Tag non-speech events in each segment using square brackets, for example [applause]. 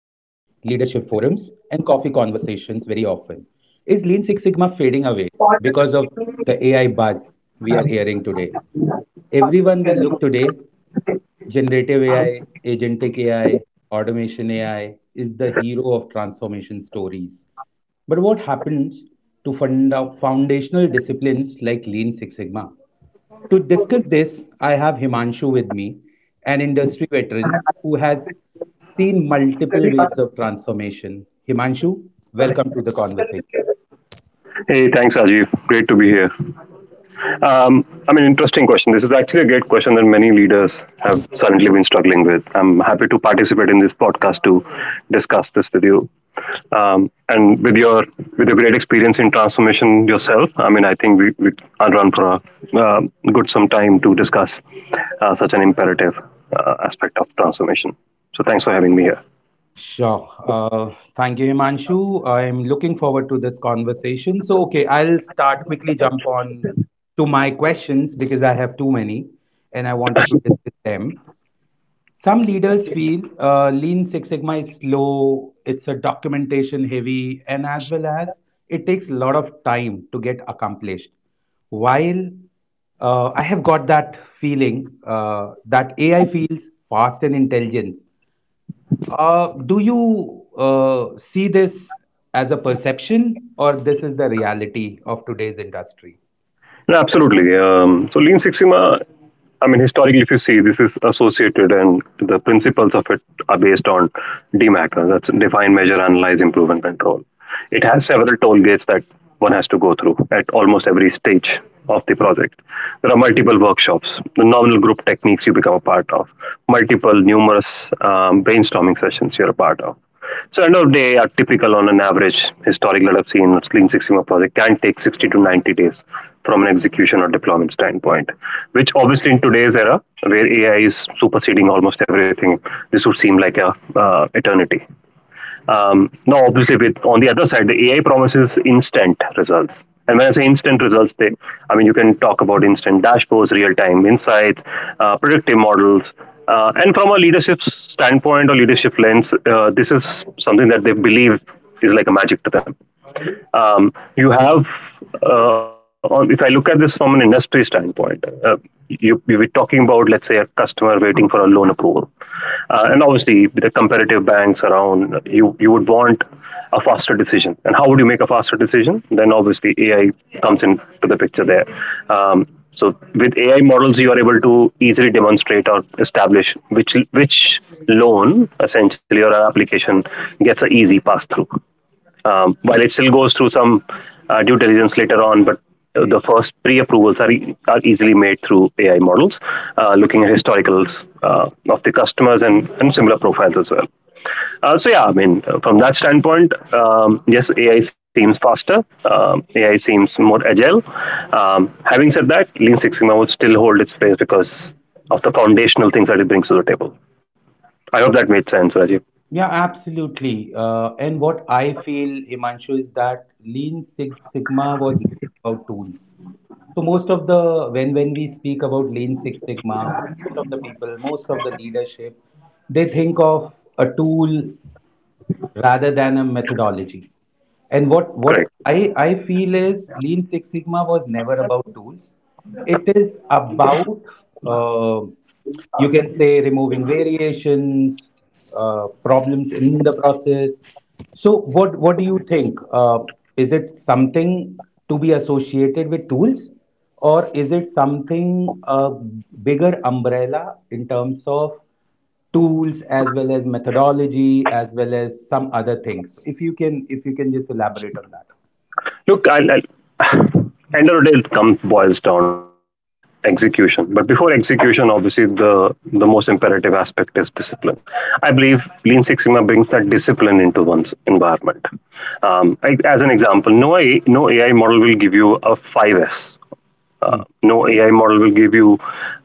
forums, and coffee conversations very often. Is Lean Six Sigma fading away because of the AI buzz we are hearing today? Everyone we look today, generative AI, agentic AI, automation AI, is the hero of transformation stories. But what happens to foundational disciplines like Lean Six Sigma? To discuss this, I have Himanshu with me, an industry veteran who has seen multiple waves of transformation. Himanshu, welcome to the conversation. Hey, thanks, Ajiv. Great to be here. I mean, interesting question. This is actually a great question that many leaders have suddenly been struggling with. I'm happy to participate in this podcast to discuss this with you. And with your great experience in transformation yourself, I mean, I think we can run for a uh, good some time to discuss such an imperative aspect of transformation. So, thanks for having me here. Sure. Thank you, Himanshu. I'm looking forward to this conversation. So, okay, I'll start quickly jump on to my questions because I have too many, and I wanted to discuss them. Some leaders feel Lean Six Sigma is slow, it's a documentation heavy, and as well as it takes a lot of time to get accomplished. While I have got that feeling that AI feels fast and intelligent. Do you see this as a perception, or this is the reality of today's industry? No, absolutely. So Lean Six Sigma, I mean, historically, if you see, this is associated, and the principles of it are based on DMAC. That's define, measure, analyze, improve, and control. It has several toll gates that one has to go through at almost every stage of the project. There are multiple workshops, the nominal group techniques you become a part of, multiple numerous brainstorming sessions you're a part of. So end of day, a typical on an average historic that I've seen Lean Six Sigma project can take 60 to 90 days from an execution or deployment standpoint, which obviously in today's era where AI is superseding almost everything, this would seem like a eternity. Now, obviously, with on the other side, the AI promises instant results. And when I say instant results, I mean you can talk about instant dashboards, real-time insights, predictive models, and from a leadership standpoint or leadership lens, this is something that they believe is like a magic to them. um, you have, if I look at this from an industry standpoint, you were talking about, let's say, a customer waiting for a loan approval. And obviously, with the competitive banks around, you would want a faster decision. And how would you make a faster decision? Then obviously, AI comes into the picture there. Um, so with AI models, you are able to easily demonstrate or establish which loan essentially or an application gets an easy pass through while it still goes through some due diligence later on, but the first pre-approvals are, are easily made through AI models, looking at historicals of the customers and similar profiles as well. Yeah, from that standpoint, yes, AI seems faster. AI seems more agile. Having said that, Lean Six Sigma would still hold its place because of the foundational things that it brings to the table. I hope that made sense, Rajiv. Yeah, absolutely. And what I feel, Himanshu, is that Lean Six Sigma was about tools. So most of the when we speak about Lean Six Sigma, most of the people, most of the leadership, they think of a tool rather than a methodology. And what Correct. I feel is Lean Six Sigma was never about tools. It is about, uh, you can say, removing variations, problems in the process. So, what do you think? Is it something to be associated with tools, or is it something a bigger umbrella in terms of tools as well as methodology as well as some other things, if you can just elaborate on that. Look, I'll [sighs] end of the day, it comes boils down to execution. But before execution, obviously, the most imperative aspect is discipline. I believe Lean Six Sigma brings that discipline into one's environment. As an example, no AI model will give you a five S. Mm-hmm. no AI model will give you,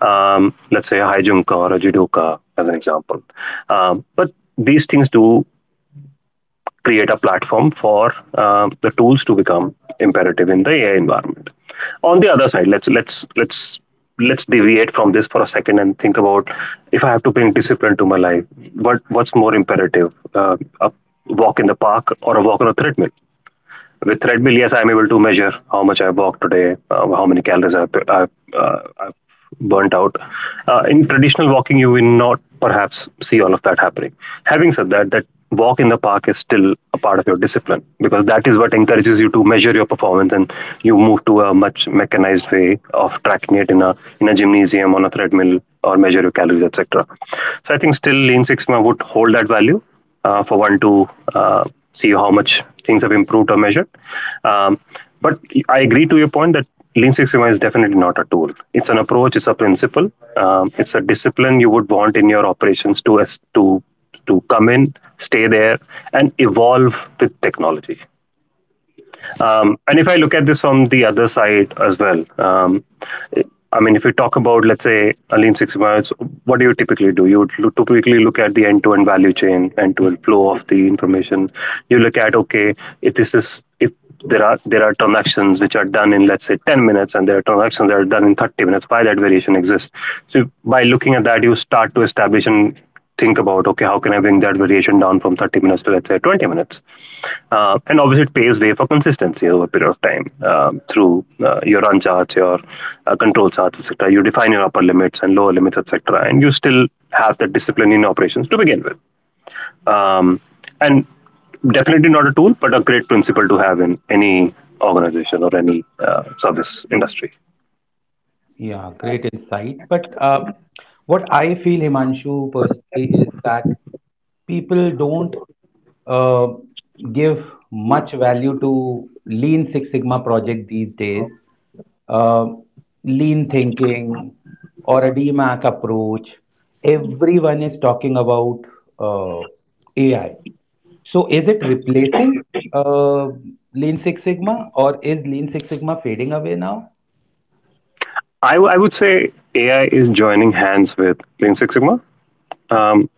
let's say, a high jump or a judoka, as an example. But these things do create a platform for the tools to become imperative in the AI environment. On the other side, let's deviate from this for a second and think about if I have to bring discipline to my life, what's more imperative, a walk in the park or a walk on a treadmill? With treadmill, yes, I'm able to measure how much I walked today, uh, how many calories I've burnt out. In traditional walking, you will not perhaps see all of that happening. Having said that, that walk in the park is still a part of your discipline because that is what encourages you to measure your performance and you move to a much mechanized way of tracking it in a gymnasium on a treadmill or measure your calories etc. So I think still Lean Six Sigma would hold that value for one to uh, see how much things have improved or measured. Um, but I agree to your point that Lean Six Sigma is definitely not a tool. It's an approach. It's a principle. It's a discipline you would want in your operations to to come in, stay there, and evolve with technology. And if I look at this from the other side as well, I mean, if you talk about, let's say, a lean six sigma, what do you typically do? You would typically look at the end-to-end value chain, end-to-end flow of the information. You look at, okay, if this is if there are transactions which are done in let's say 10 minutes and there are transactions that are done in 30 minutes. Why that variation exists? So by looking at that you start to establish an think about, okay, how can I bring that variation down from 30 minutes to let's say 20 minutes. And obviously it paves way for consistency over a period of time, through your run charts, your control charts etc. You define your upper limits and lower limits etc. and you still have the discipline in operations to begin with. Um, and definitely not a tool but a great principle to have in any organization or any service industry. Yeah, great insight. But what I feel, Himanshu, personally, is that people don't uh, give much value to Lean Six Sigma project these days. Uh, lean thinking or a DMAC approach. Everyone is talking about uh, AI. So is it replacing uh, Lean Six Sigma, or is Lean Six Sigma fading away now? I would say AI is joining hands with Lean Six Sigma. Um,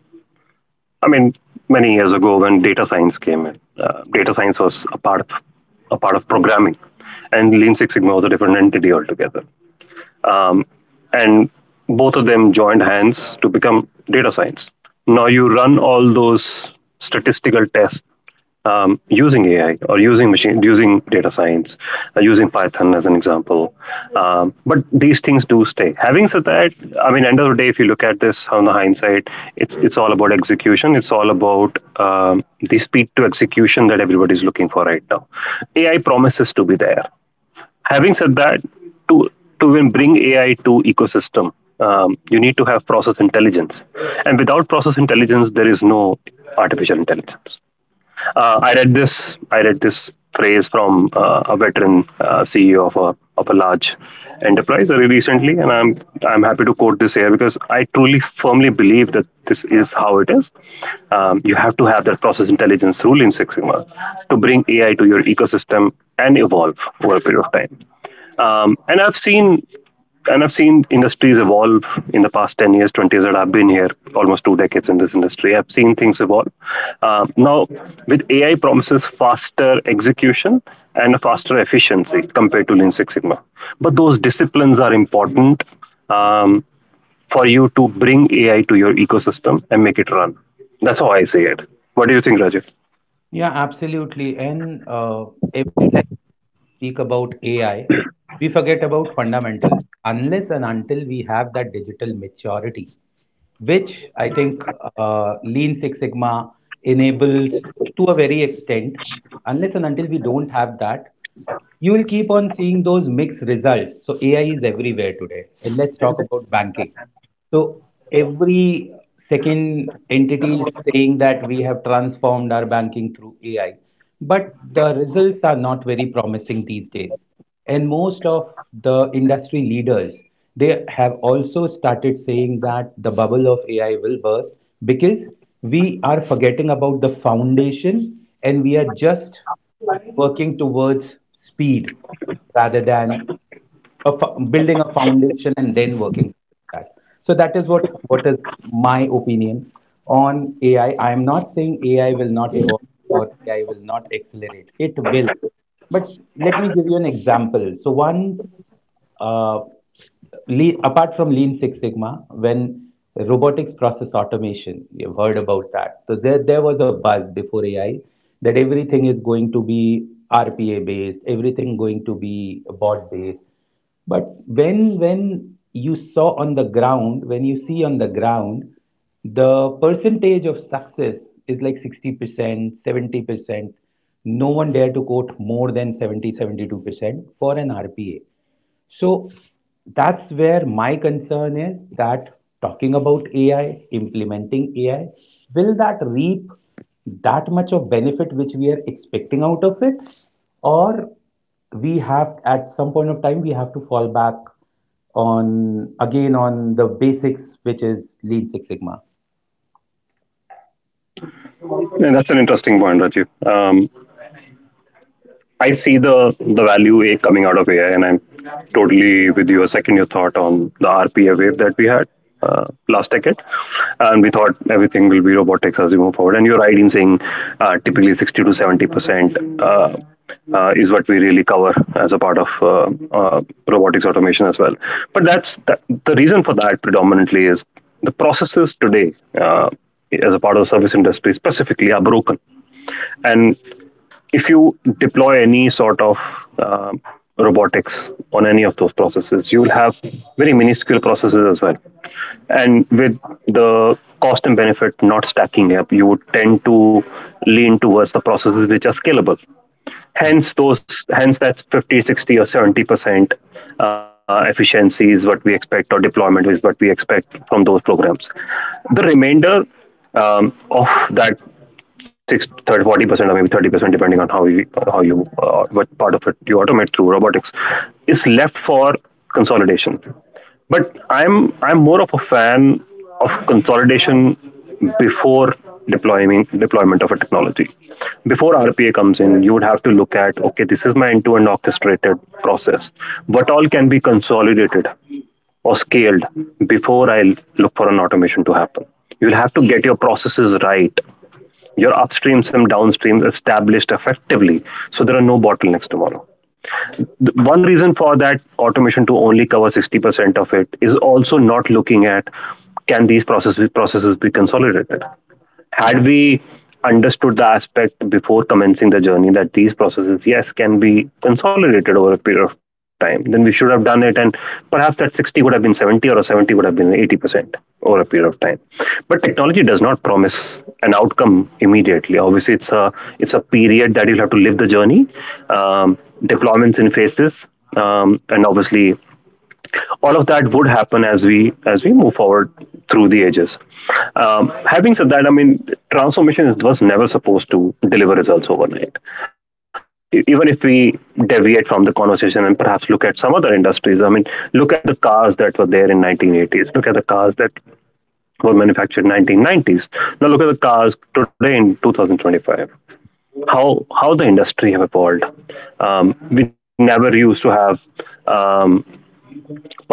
I mean, many years ago when data science came in, data science was a part of programming, and Lean Six Sigma was a different entity altogether, um, and both of them joined hands to become data science. Now you run all those statistical tests using AI or using machine, using data science, using Python as an example. But these things do stay. Having said that, I mean, end of the day, if you look at this on the hindsight, it's all about execution. It's all about the speed to execution that everybody's looking for right now. AI promises to be there. Having said that, to to even bring AI to ecosystem, you need to have process intelligence, and without process intelligence there is no artificial intelligence. I read this phrase from a veteran CEO of a large enterprise very recently, and I'm happy to quote this here because I truly firmly believe that this is how it is. You have to have that process intelligence rule in Six Sigma to bring AI to your ecosystem and evolve over a period of time. Um, and I've seen and I've seen industries evolve in the past 10 years, 20 years that I've been here, almost two decades in this industry. I've seen things evolve. Now, with AI promises faster execution and a faster efficiency compared to Lean Six Sigma. But those disciplines are important, um, for you to bring AI to your ecosystem and make it run. That's how I see it. What do you think, Rajiv? Yeah, absolutely. And every time we speak about AI, we forget about fundamentals. Unless and until we have that digital maturity, which I think Lean Six Sigma enables to a very extent. Unless and until we don't have that, you will keep on seeing those mixed results. So AI is everywhere today. And let's talk about banking. So every second entity is saying that we have transformed our banking through AI, but the results are not very promising these days, and most of the industry leaders, they have also started saying that the bubble of AI will burst because we are forgetting about the foundation and we are just working towards speed rather than building a foundation and then working towards that. So that is what is my opinion on AI. I am not saying AI will not evolve or AI will not accelerate. It will. But let me give you an example. So once, uh, apart from Lean Six Sigma, when robotics process automation, you've heard about that. So there was a buzz before AI that everything is going to be RPA based, everything going to be bot based. But when you saw on the ground, when you see on the ground, the percentage of success is like 60% 70%. No one dare to quote more than 70, 72% for an RPA. So that's where my concern is that talking about AI, implementing AI, will that reap that much of benefit which we are expecting out of it? Or we have, at some point of time, we have to fall back on, again, on the basics, which is Lean Six Sigma. And that's an interesting point, Rajiv. I see the value a coming out of AI, and I'm totally with you. A second your thought on the RPA wave that we had last decade, and we thought everything will be robotics as we move forward. And you're right in saying typically 60 to 70% uh, is what we really cover as a part of uh, robotics automation as well. But the reason for that predominantly is the processes today. Uh, as a part of the service industry specifically are broken, and if you deploy any sort of uh, robotics on any of those processes, you will have very minuscule processes as well. And with the cost and benefit not stacking up, you would tend to lean towards the processes which are scalable. Hence, those hence that 50, 60, or 70% efficiency is what we expect, or deployment is what we expect from those programs. The remainder of that six, 40% or maybe 30%, depending on how you what part of it you automate through robotics, is left for consolidation. But I'm more of a fan of consolidation before deploying deployment of a technology. Before RPA comes in, you would have to look at okay, this is my end-to-end orchestrated process. What all can be consolidated or scaled before I look for an automation to happen. You'll have to get your processes right, your upstreams and downstreams established effectively, so there are no bottlenecks tomorrow. One reason for that automation to only cover 60% of it is also not looking at can these processes be consolidated. Had we understood the aspect before commencing the journey that these processes yes can be consolidated over a period of time, then we should have done it, and perhaps that 60 would have been 70, or a 70 would have been 80% over a period of time. But technology does not promise an outcome immediately. Obviously, it's a period that you'll have to live the journey, um, deployments in phases, and obviously all of that would happen as we move forward through the ages. Having said that, I mean, was never supposed to deliver results overnight. Even if we deviate from the conversation and perhaps look at some other industries, I mean, look at the cars that were there in 1980s. Look at the cars that were manufactured in 1990s. Now look at the cars today in 2025. How how the industry have evolved. We never used to have um,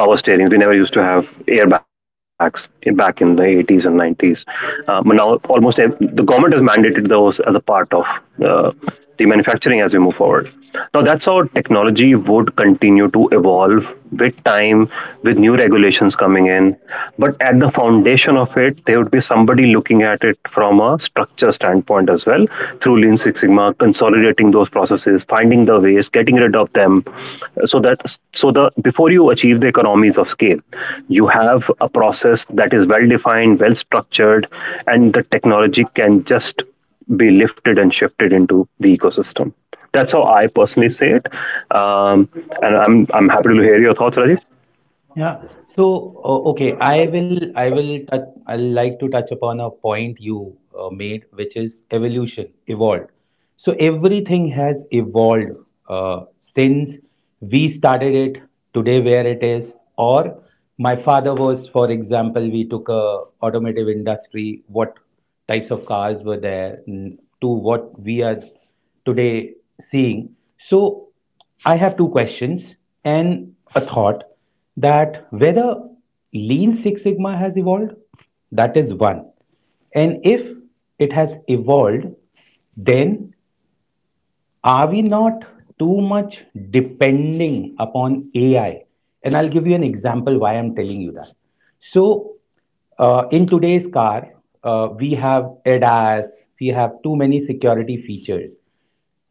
power steerings. We never used to have airbags in, back in the 80s and 90s. But now, the government has mandated those as a part of uh, the manufacturing as we move forward. Now, that's how technology would continue to evolve with time, with new regulations coming in. But at the foundation of it, there would be somebody looking at it from a structure standpoint as well, through Lean Six Sigma, consolidating those processes, finding the ways, getting rid of them, so that so the before you achieve the economies of scale, you have a process that is well defined, well structured, and the technology can just be lifted and shifted into the ecosystem. That's how I personally say it, um, and I'm happy to hear your thoughts, Rajiv. Yeah. So, okay, I like to touch upon a point you made, which is evolution, evolved. So everything has evolved since we started it today where it is, or my father was, for example, we took a automotive industry, what types of cars were there, to what we are today seeing. So I have two questions and a thought, that whether Lean Six Sigma has evolved, that is one. And if it has evolved, then are we not too much depending upon AI? And I'll give you an example why I'm telling you that. So, in today's car, we have ADAS, we have too many security features.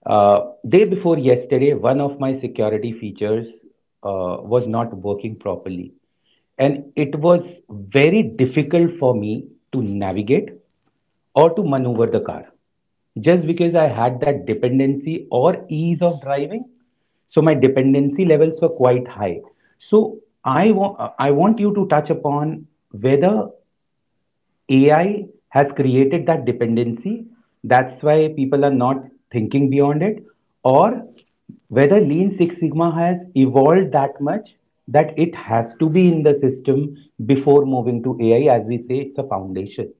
Day before yesterday, one of my security features was not working properly. And it was very difficult for me to navigate or to maneuver the car just because I had that dependency or ease of driving. So my dependency levels were quite high. So I want you to touch upon whether AI has created that dependency. That's why people are not thinking beyond it, or whether Lean Six Sigma has evolved that much that it has to be in the system before moving to AI. As we say, it's a foundation.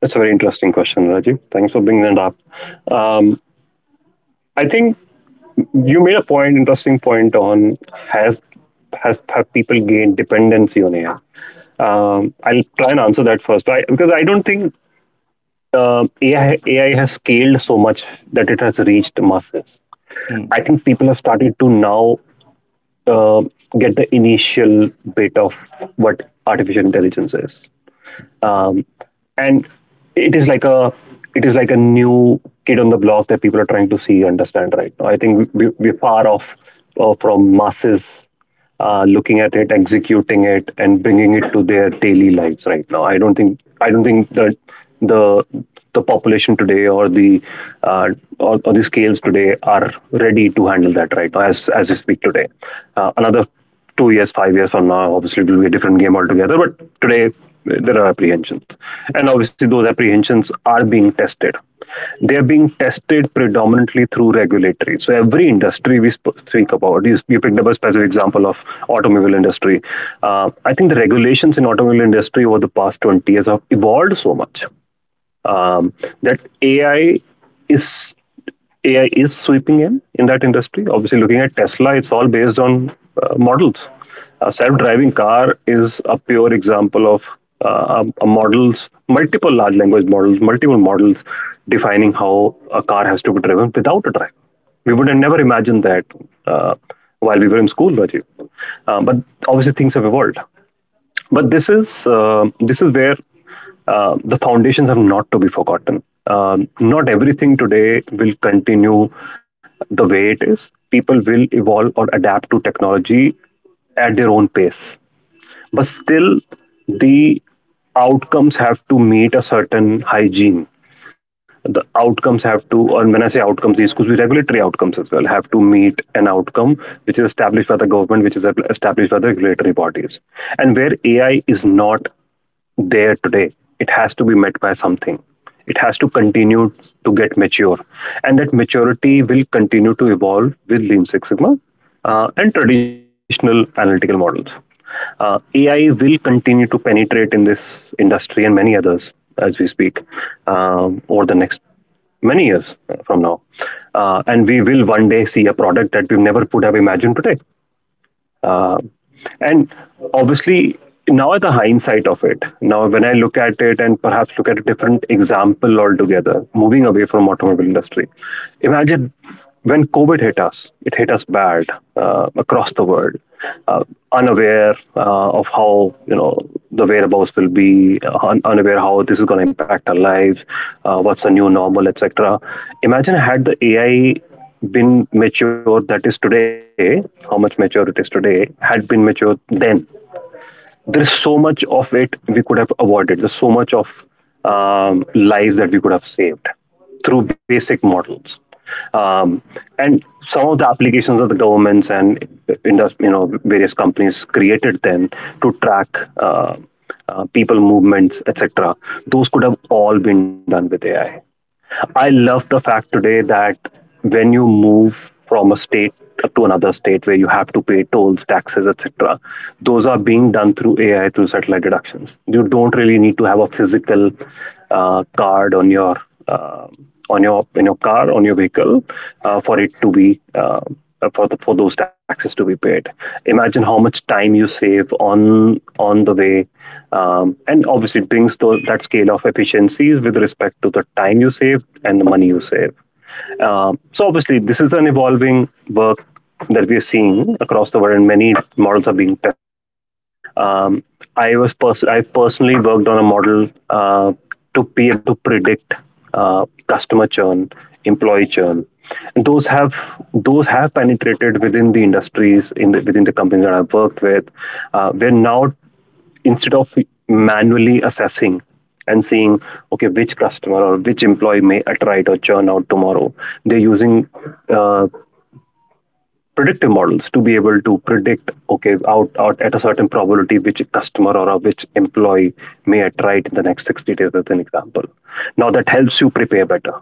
That's a very interesting question, Rajiv. Thanks for bringing that up. Um, I think you made a point, interesting point on has has have people gained dependency on AI? I'll try and answer that first, I, because I don't think AI has scaled so much that it has reached masses. Hmm. I think people have started to now uh, get the initial bit of what artificial intelligence is, um, and it is like a it is like a new kid on the block that people are trying to see understand right now. I think we're far off from masses looking at it, executing it, and bringing it to their daily lives right now. I don't think that the the population today or the uh, or, the scales today are ready to handle that right now, as we speak today. Another 2 years, 5 years from now, obviously it will be a different game altogether. But today, there are apprehensions, and obviously those apprehensions are being tested. They are being tested predominantly through regulatory. So every industry we speak about, you picked up a specific example of automobile industry. I think the regulations in automobile industry over the past 20 years have evolved so much, um, that AI is AI is sweeping in that industry. Obviously, looking at Tesla, it's all based on models. A self-driving car is a pure example of a models, multiple large language models, multiple models defining how a car has to be driven without a driver. We would have never imagined that uh, while we were in school, Rajiv. But obviously, things have evolved. But this is where the foundations have not to be forgotten. Not everything today will continue the way it is. People will evolve or adapt to technology at their own pace, but still, the outcomes have to meet a certain hygiene. The outcomes have to, and when I say outcomes, these could be regulatory outcomes as well, have to meet an outcome which is established by the government, which is established by the regulatory bodies. And where AI is not there today, it has to be met by something. It has to continue to get mature, and that maturity will continue to evolve with Lean Six Sigma, and traditional analytical models. AI will continue to penetrate in this industry and many others as we speak, over the next many years from now. And we will one day see a product that we've never could have imagined today. um, and obviously, now at the hindsight of it, now when I look at it and perhaps look at a different example altogether, moving away from automobile industry, imagine when COVID hit us, it hit us bad across the world, uh, unaware of how, you know, the whereabouts will be, unaware how this is going to impact our lives, what's the new normal, etc. Imagine had the AI been mature that is today, how much mature it is today, had been mature then, there is so much of it we could have avoided. There's so much of lives that we could have saved through basic models. Um, and some of the applications that the governments and industry, you know, various companies created then to track uh, people movements, etc. Those could have all been done with AI. I love the fact today that when you move from a state to another state where you have to pay tolls, taxes, etc., those are being done through AI, through satellite deductions. You don't really need to have a physical card on your uh, in your car, on your vehicle, for it to be. For for those taxes to be paid. Imagine how much time you save on the way, and obviously it brings that scale of efficiencies with respect to the time you save and the money you save. So obviously this is an evolving work that we are seeing across the world, and many models are being tested today. Um, I personally worked on a model to be able to predict customer churn, employee churn, and those have penetrated within the industries in within the companies that I've worked with. We're now, instead of manually assessing and seeing okay, which customer or which employee may attrite or churn out tomorrow, they're using uh, predictive models to be able to predict okay, out at a certain probability which customer or which employee may attract in the next 60 days as an example. Now that helps you prepare better,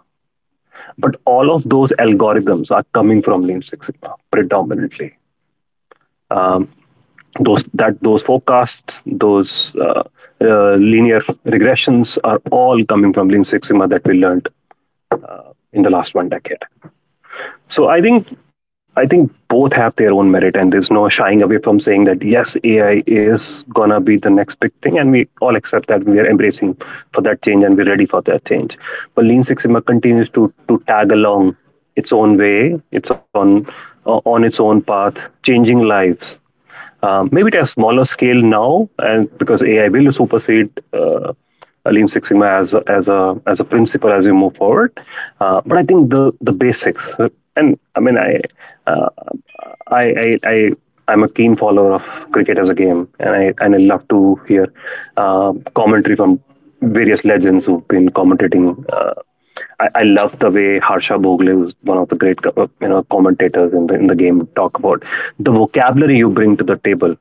but all of those algorithms are coming from Lean Six Sigma predominantly. um, those, that those forecasts, those linear regressions are all coming from Lean Six Sigma that we learned in the Exactly. last one decade. So I think both have their own merit, and there's no shying away from saying that yes, AI is gonna be the next big thing, and we all accept that we are embracing for that change and we're ready for that change. But Lean Six Sigma continues to tag along its own way, its on its own path, changing lives, maybe at a smaller scale now, and because AI will supersede Lean Six Sigma as a principle as we move forward. But I think the basics, and I mean uh, I I'm a keen follower of cricket as a game, and I love to hear commentary from various legends who've been commentating. Uh, I love the way Harsha Bhogle, who's one of the great you know commentators in the game, talk about the vocabulary you bring to the table,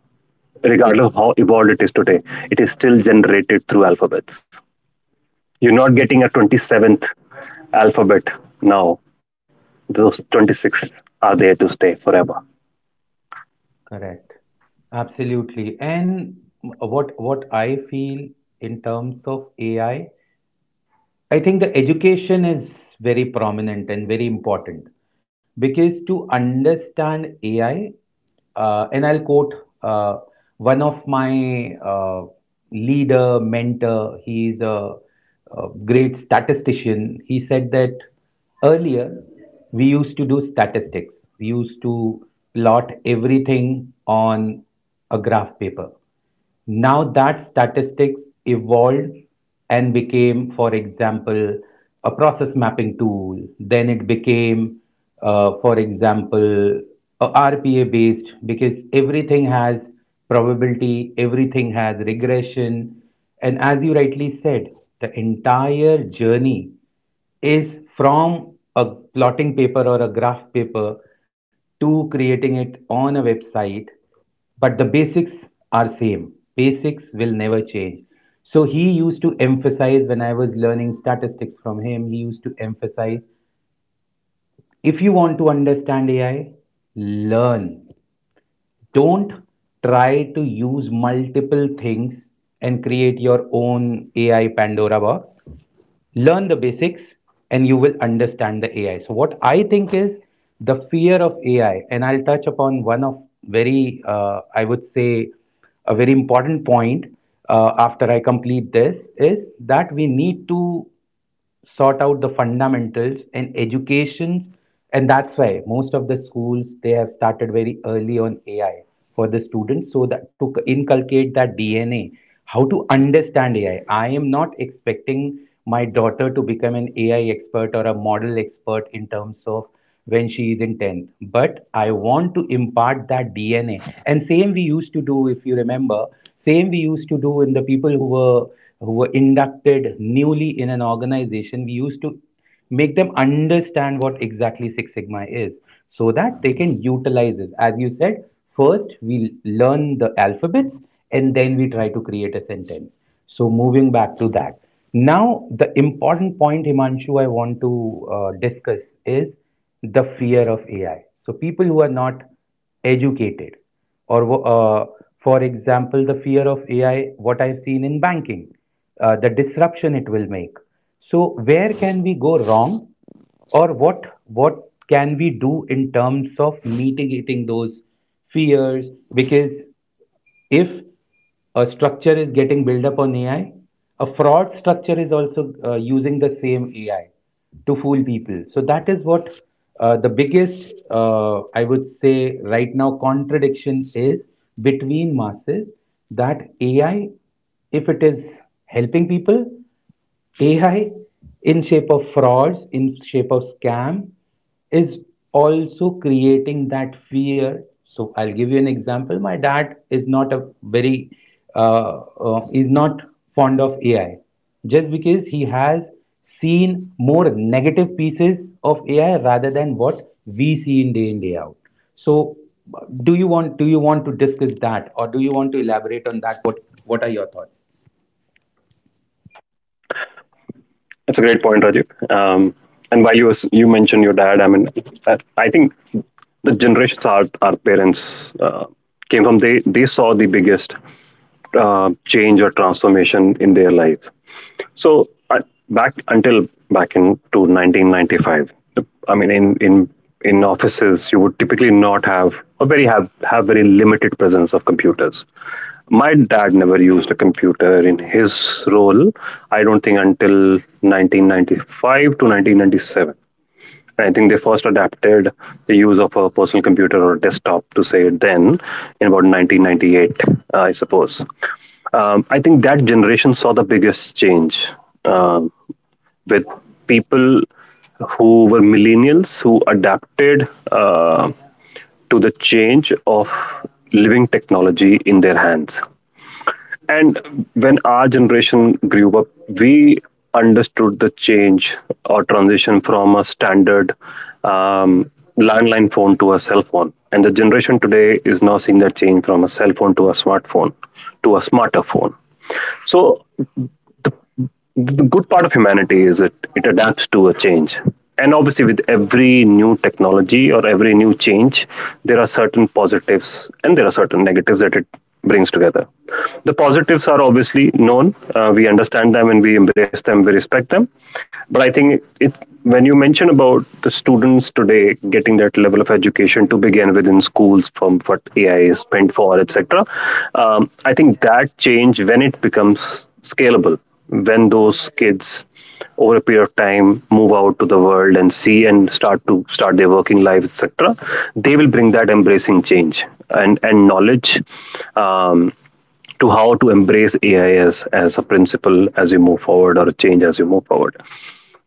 regardless of how evolved it is today. It is still generated through alphabets. You're not getting a 27th alphabet now. Those 26 are there to stay forever. Correct. Absolutely. And what I feel in terms of AI, I think the education is very prominent and very important, because to understand AI, and I'll quote uh, one of my leader, mentor. He is a great statistician. He said that earlier we used to do statistics, we used to plot everything on a graph paper. Now that statistics evolved and became, for example, a process mapping tool, then it became, for example, a RPA based, because everything has probability, everything has regression. And as you rightly said, the entire journey is from a plotting paper or a graph paper to creating it on a website. But the basics are same. Basics will never change. So he used to emphasize, when I was learning statistics from him, he used to emphasize, if you want to understand AI, learn. Don't try to use multiple things and create your own AI pandora box. Learn the basics, and you will understand the AI. So what I think is the fear of AI, and I'll touch upon one of very, I would say, a very important point after I complete this, is that we need to sort out the fundamentals and education. And that's why most of the schools, they have started very early on AI for the students, so that to inculcate that DNA, how to understand AI. I am not expecting my daughter to become an AI expert or a model expert in terms of when she is in 10th, but I want to impart that DNA. And same we used to do, if you remember, same we used to do in the people who were inducted newly in an organization. We used to make them understand what exactly Six Sigma is, so that they can utilize it. As you said, first we learn the alphabets, and then we try to create a sentence. So moving back to that, now the important point, Himanshu, I want to discuss is the fear of AI. So people who are not educated, or for example, the fear of AI, what I've seen in banking, the disruption it will make. So where can we go wrong, or what can we do in terms of mitigating those fears? Because if a structure is getting built up on AI, a fraud structure is also using the same AI to fool people. So that is what the biggest, I would say, right now contradiction is between masses, that AI, if it is helping people, AI in shape of frauds, in shape of scam, is also creating that fear. So I'll give you an example. My dad is not a very is not fond of AI, just because he has seen more negative pieces of AI rather than what we see in day out. So do you want to discuss that, or do you want to elaborate on that? What are your thoughts? That's a great point, Rajiv. And while you you mentioned your dad, I mean, I think the generations our parents uh, came from, they saw the biggest change or transformation in their life. So back until back in to 1995, I mean, in offices, you would typically not have or very have very limited presence of computers. My dad never used a computer in his role. I don't think until 1995 to 1997. I think they first adapted the use of a personal computer or desktop to say then in about 1998, I suppose. I think that generation saw the biggest change uh, with people who were millennials who adapted to the change of living technology in their hands. And when our generation grew up, we understood the change or transition from a standard um, landline phone to a cell phone. And the generation today is now seeing that change from a cell phone to a smartphone to a smarter phone. So the good part of humanity is it adapts to a change, and obviously with every new technology or every new change there are certain positives and there are certain negatives that it brings together. The positives are obviously known. We understand them and we embrace them, we respect them. But I think it when you mention about the students today getting that level of education to begin with in schools from what ai is meant for etc. I think that change, when it becomes scalable, when those kids over a period of time move out to the world and see and start to start their working lives etc, they will bring that embracing change and knowledge, um, to how to embrace ai as a principle as you move forward, or a change as you move forward.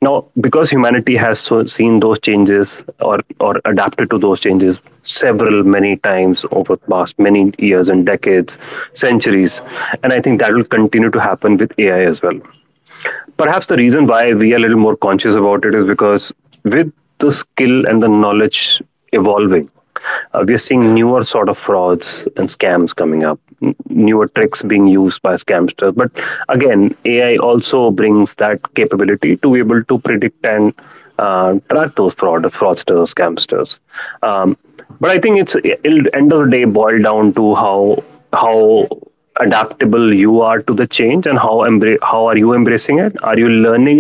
Now because humanity has so seen those changes, or adapted to those changes several many times over past many years and decades, centuries, and I think that will continue to happen with ai as well. Perhaps the reason why we are a little more conscious about it is because with the skill and the knowledge evolving, we are seeing newer sort of frauds and scams coming up, newer tricks being used by scamsters. But again, AI also brings that capability to be able to predict and track those fraudsters, scamsters. Um, but I think it'll end of the day boil down to how how adaptable you are to the change, and how how are you embracing it. Are you learning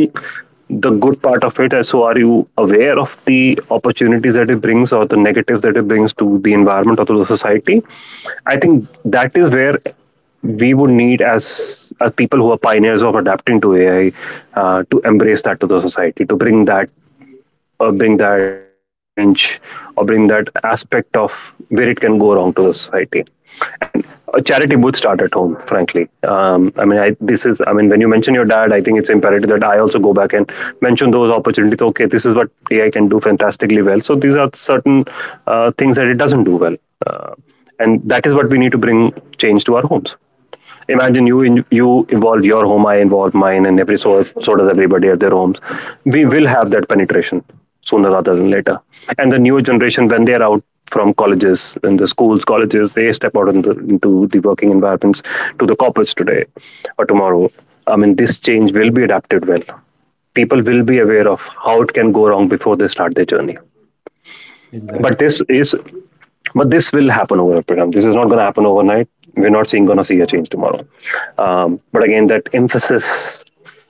the good part of it, and so are you aware of the opportunities that it brings or the negatives that it brings to the environment or to the society? I think that is where we would need, as people who are pioneers of adapting to ai, to embrace that to the society, to bring that or bring that change, or bring that aspect of where it can go wrong to the society. And a charity booth start at home frankly. I mean, this is, I mean, when you mention your dad, I think it's imperative that I also go back and mention those opportunities. Okay, this is what ai can do fantastically well, so these are certain things that it doesn't do well. uh, and that is what we need to bring change to our homes. Imagine you involve your home, I involve mine, and every so does everybody at their homes. We will have that penetration sooner rather than later. And the newer generation, when they're out from colleges and the schools colleges, they step out into the working environments, to the corporates today or tomorrow, I mean, this change will be adapted well. People will be aware of how it can go wrong before they start their journey. Exactly. But this is, but this will happen over a period of time. This is not going to happen overnight. We're not seeing going to see a change tomorrow. But again, that emphasis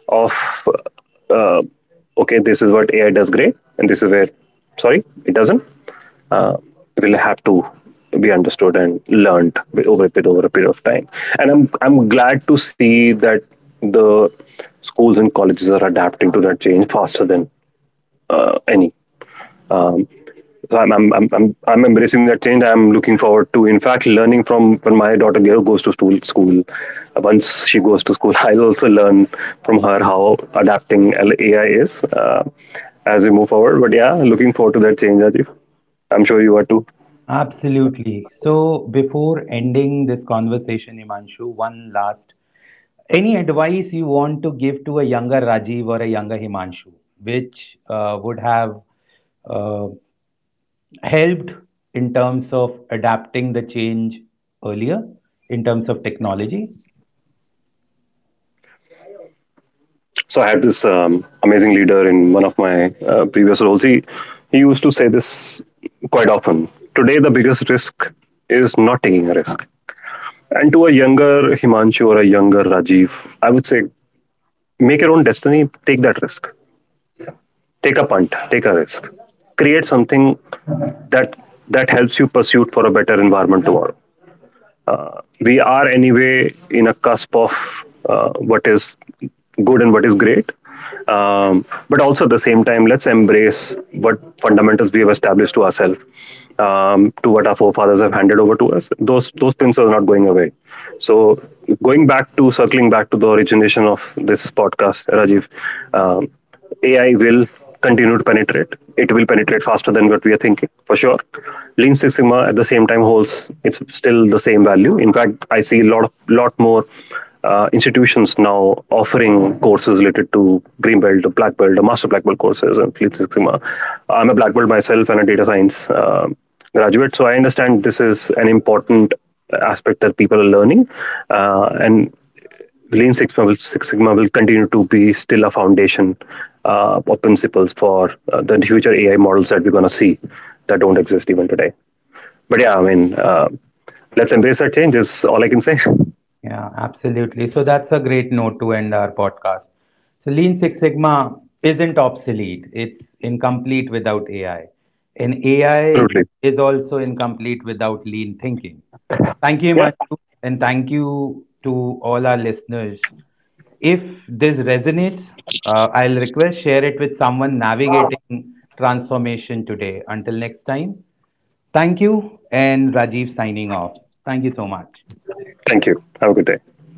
of uh, okay, this is what AI does great, and this is where, sorry, it doesn't, uh, will have to be understood and learned over a period of time. And I'm glad to see that the schools and colleges are adapting to that change faster than any. So I'm embracing that change. I'm looking forward to, in fact, learning from when my daughter goes to School, once she goes to school, [laughs] I'll also learn from her how adapting AI is, as we move forward. But yeah, looking forward to that change, Rajiv. I'm sure you are too. Absolutely. So, before ending this conversation, Himanshu, one last any advice you want to give to a younger Rajiv or a younger Himanshu, which would have uh, helped in terms of adapting the change earlier in terms of technology? So I had this amazing leader in one of my previous roles. He used to say this quite often. Today, the biggest risk is not taking a risk. And to a younger Himanshu or a younger Rajiv, I would say, make your own destiny, take that risk, take a punt, take a risk, create something that helps you pursue for a better environment tomorrow. We are anyway in a cusp of what is good and what is great. But also at the same time, let's embrace what fundamentals we have established to ourselves, to what our forefathers have handed over to us. Those principles are not going away. So, going back to circling back to the origination of this podcast, rajiv, um, AI will continue to penetrate. It will penetrate faster than what we are thinking, for sure. Lean Six Sigma at the same time holds, it's still the same value. In fact, I see a lot more institutions now offering courses related to green belt, the black belt, the master black belt courses, and Lean Six Sigma. I'm a black belt myself and a data science graduate, so I understand this is an important aspect that people are learning, and Lean Six Six Sigma will continue to be still a foundation of principles for the future AI models that we're going to see that don't exist even today. But yeah, I mean, let's embrace that change is all I can say. Yeah, absolutely. So that's a great note to end our podcast. So Lean Six Sigma isn't obsolete, it's incomplete without AI. And [laughs] AI Absolutely. is also incomplete without lean thinking. Thank you, Yeah. Himanshu, and thank you to all our listeners. If this resonates, I'll request share it with someone navigating transformation today. Until next time, thank you, and Rajiv signing off. Thank you so much. Thank you. Have a good day.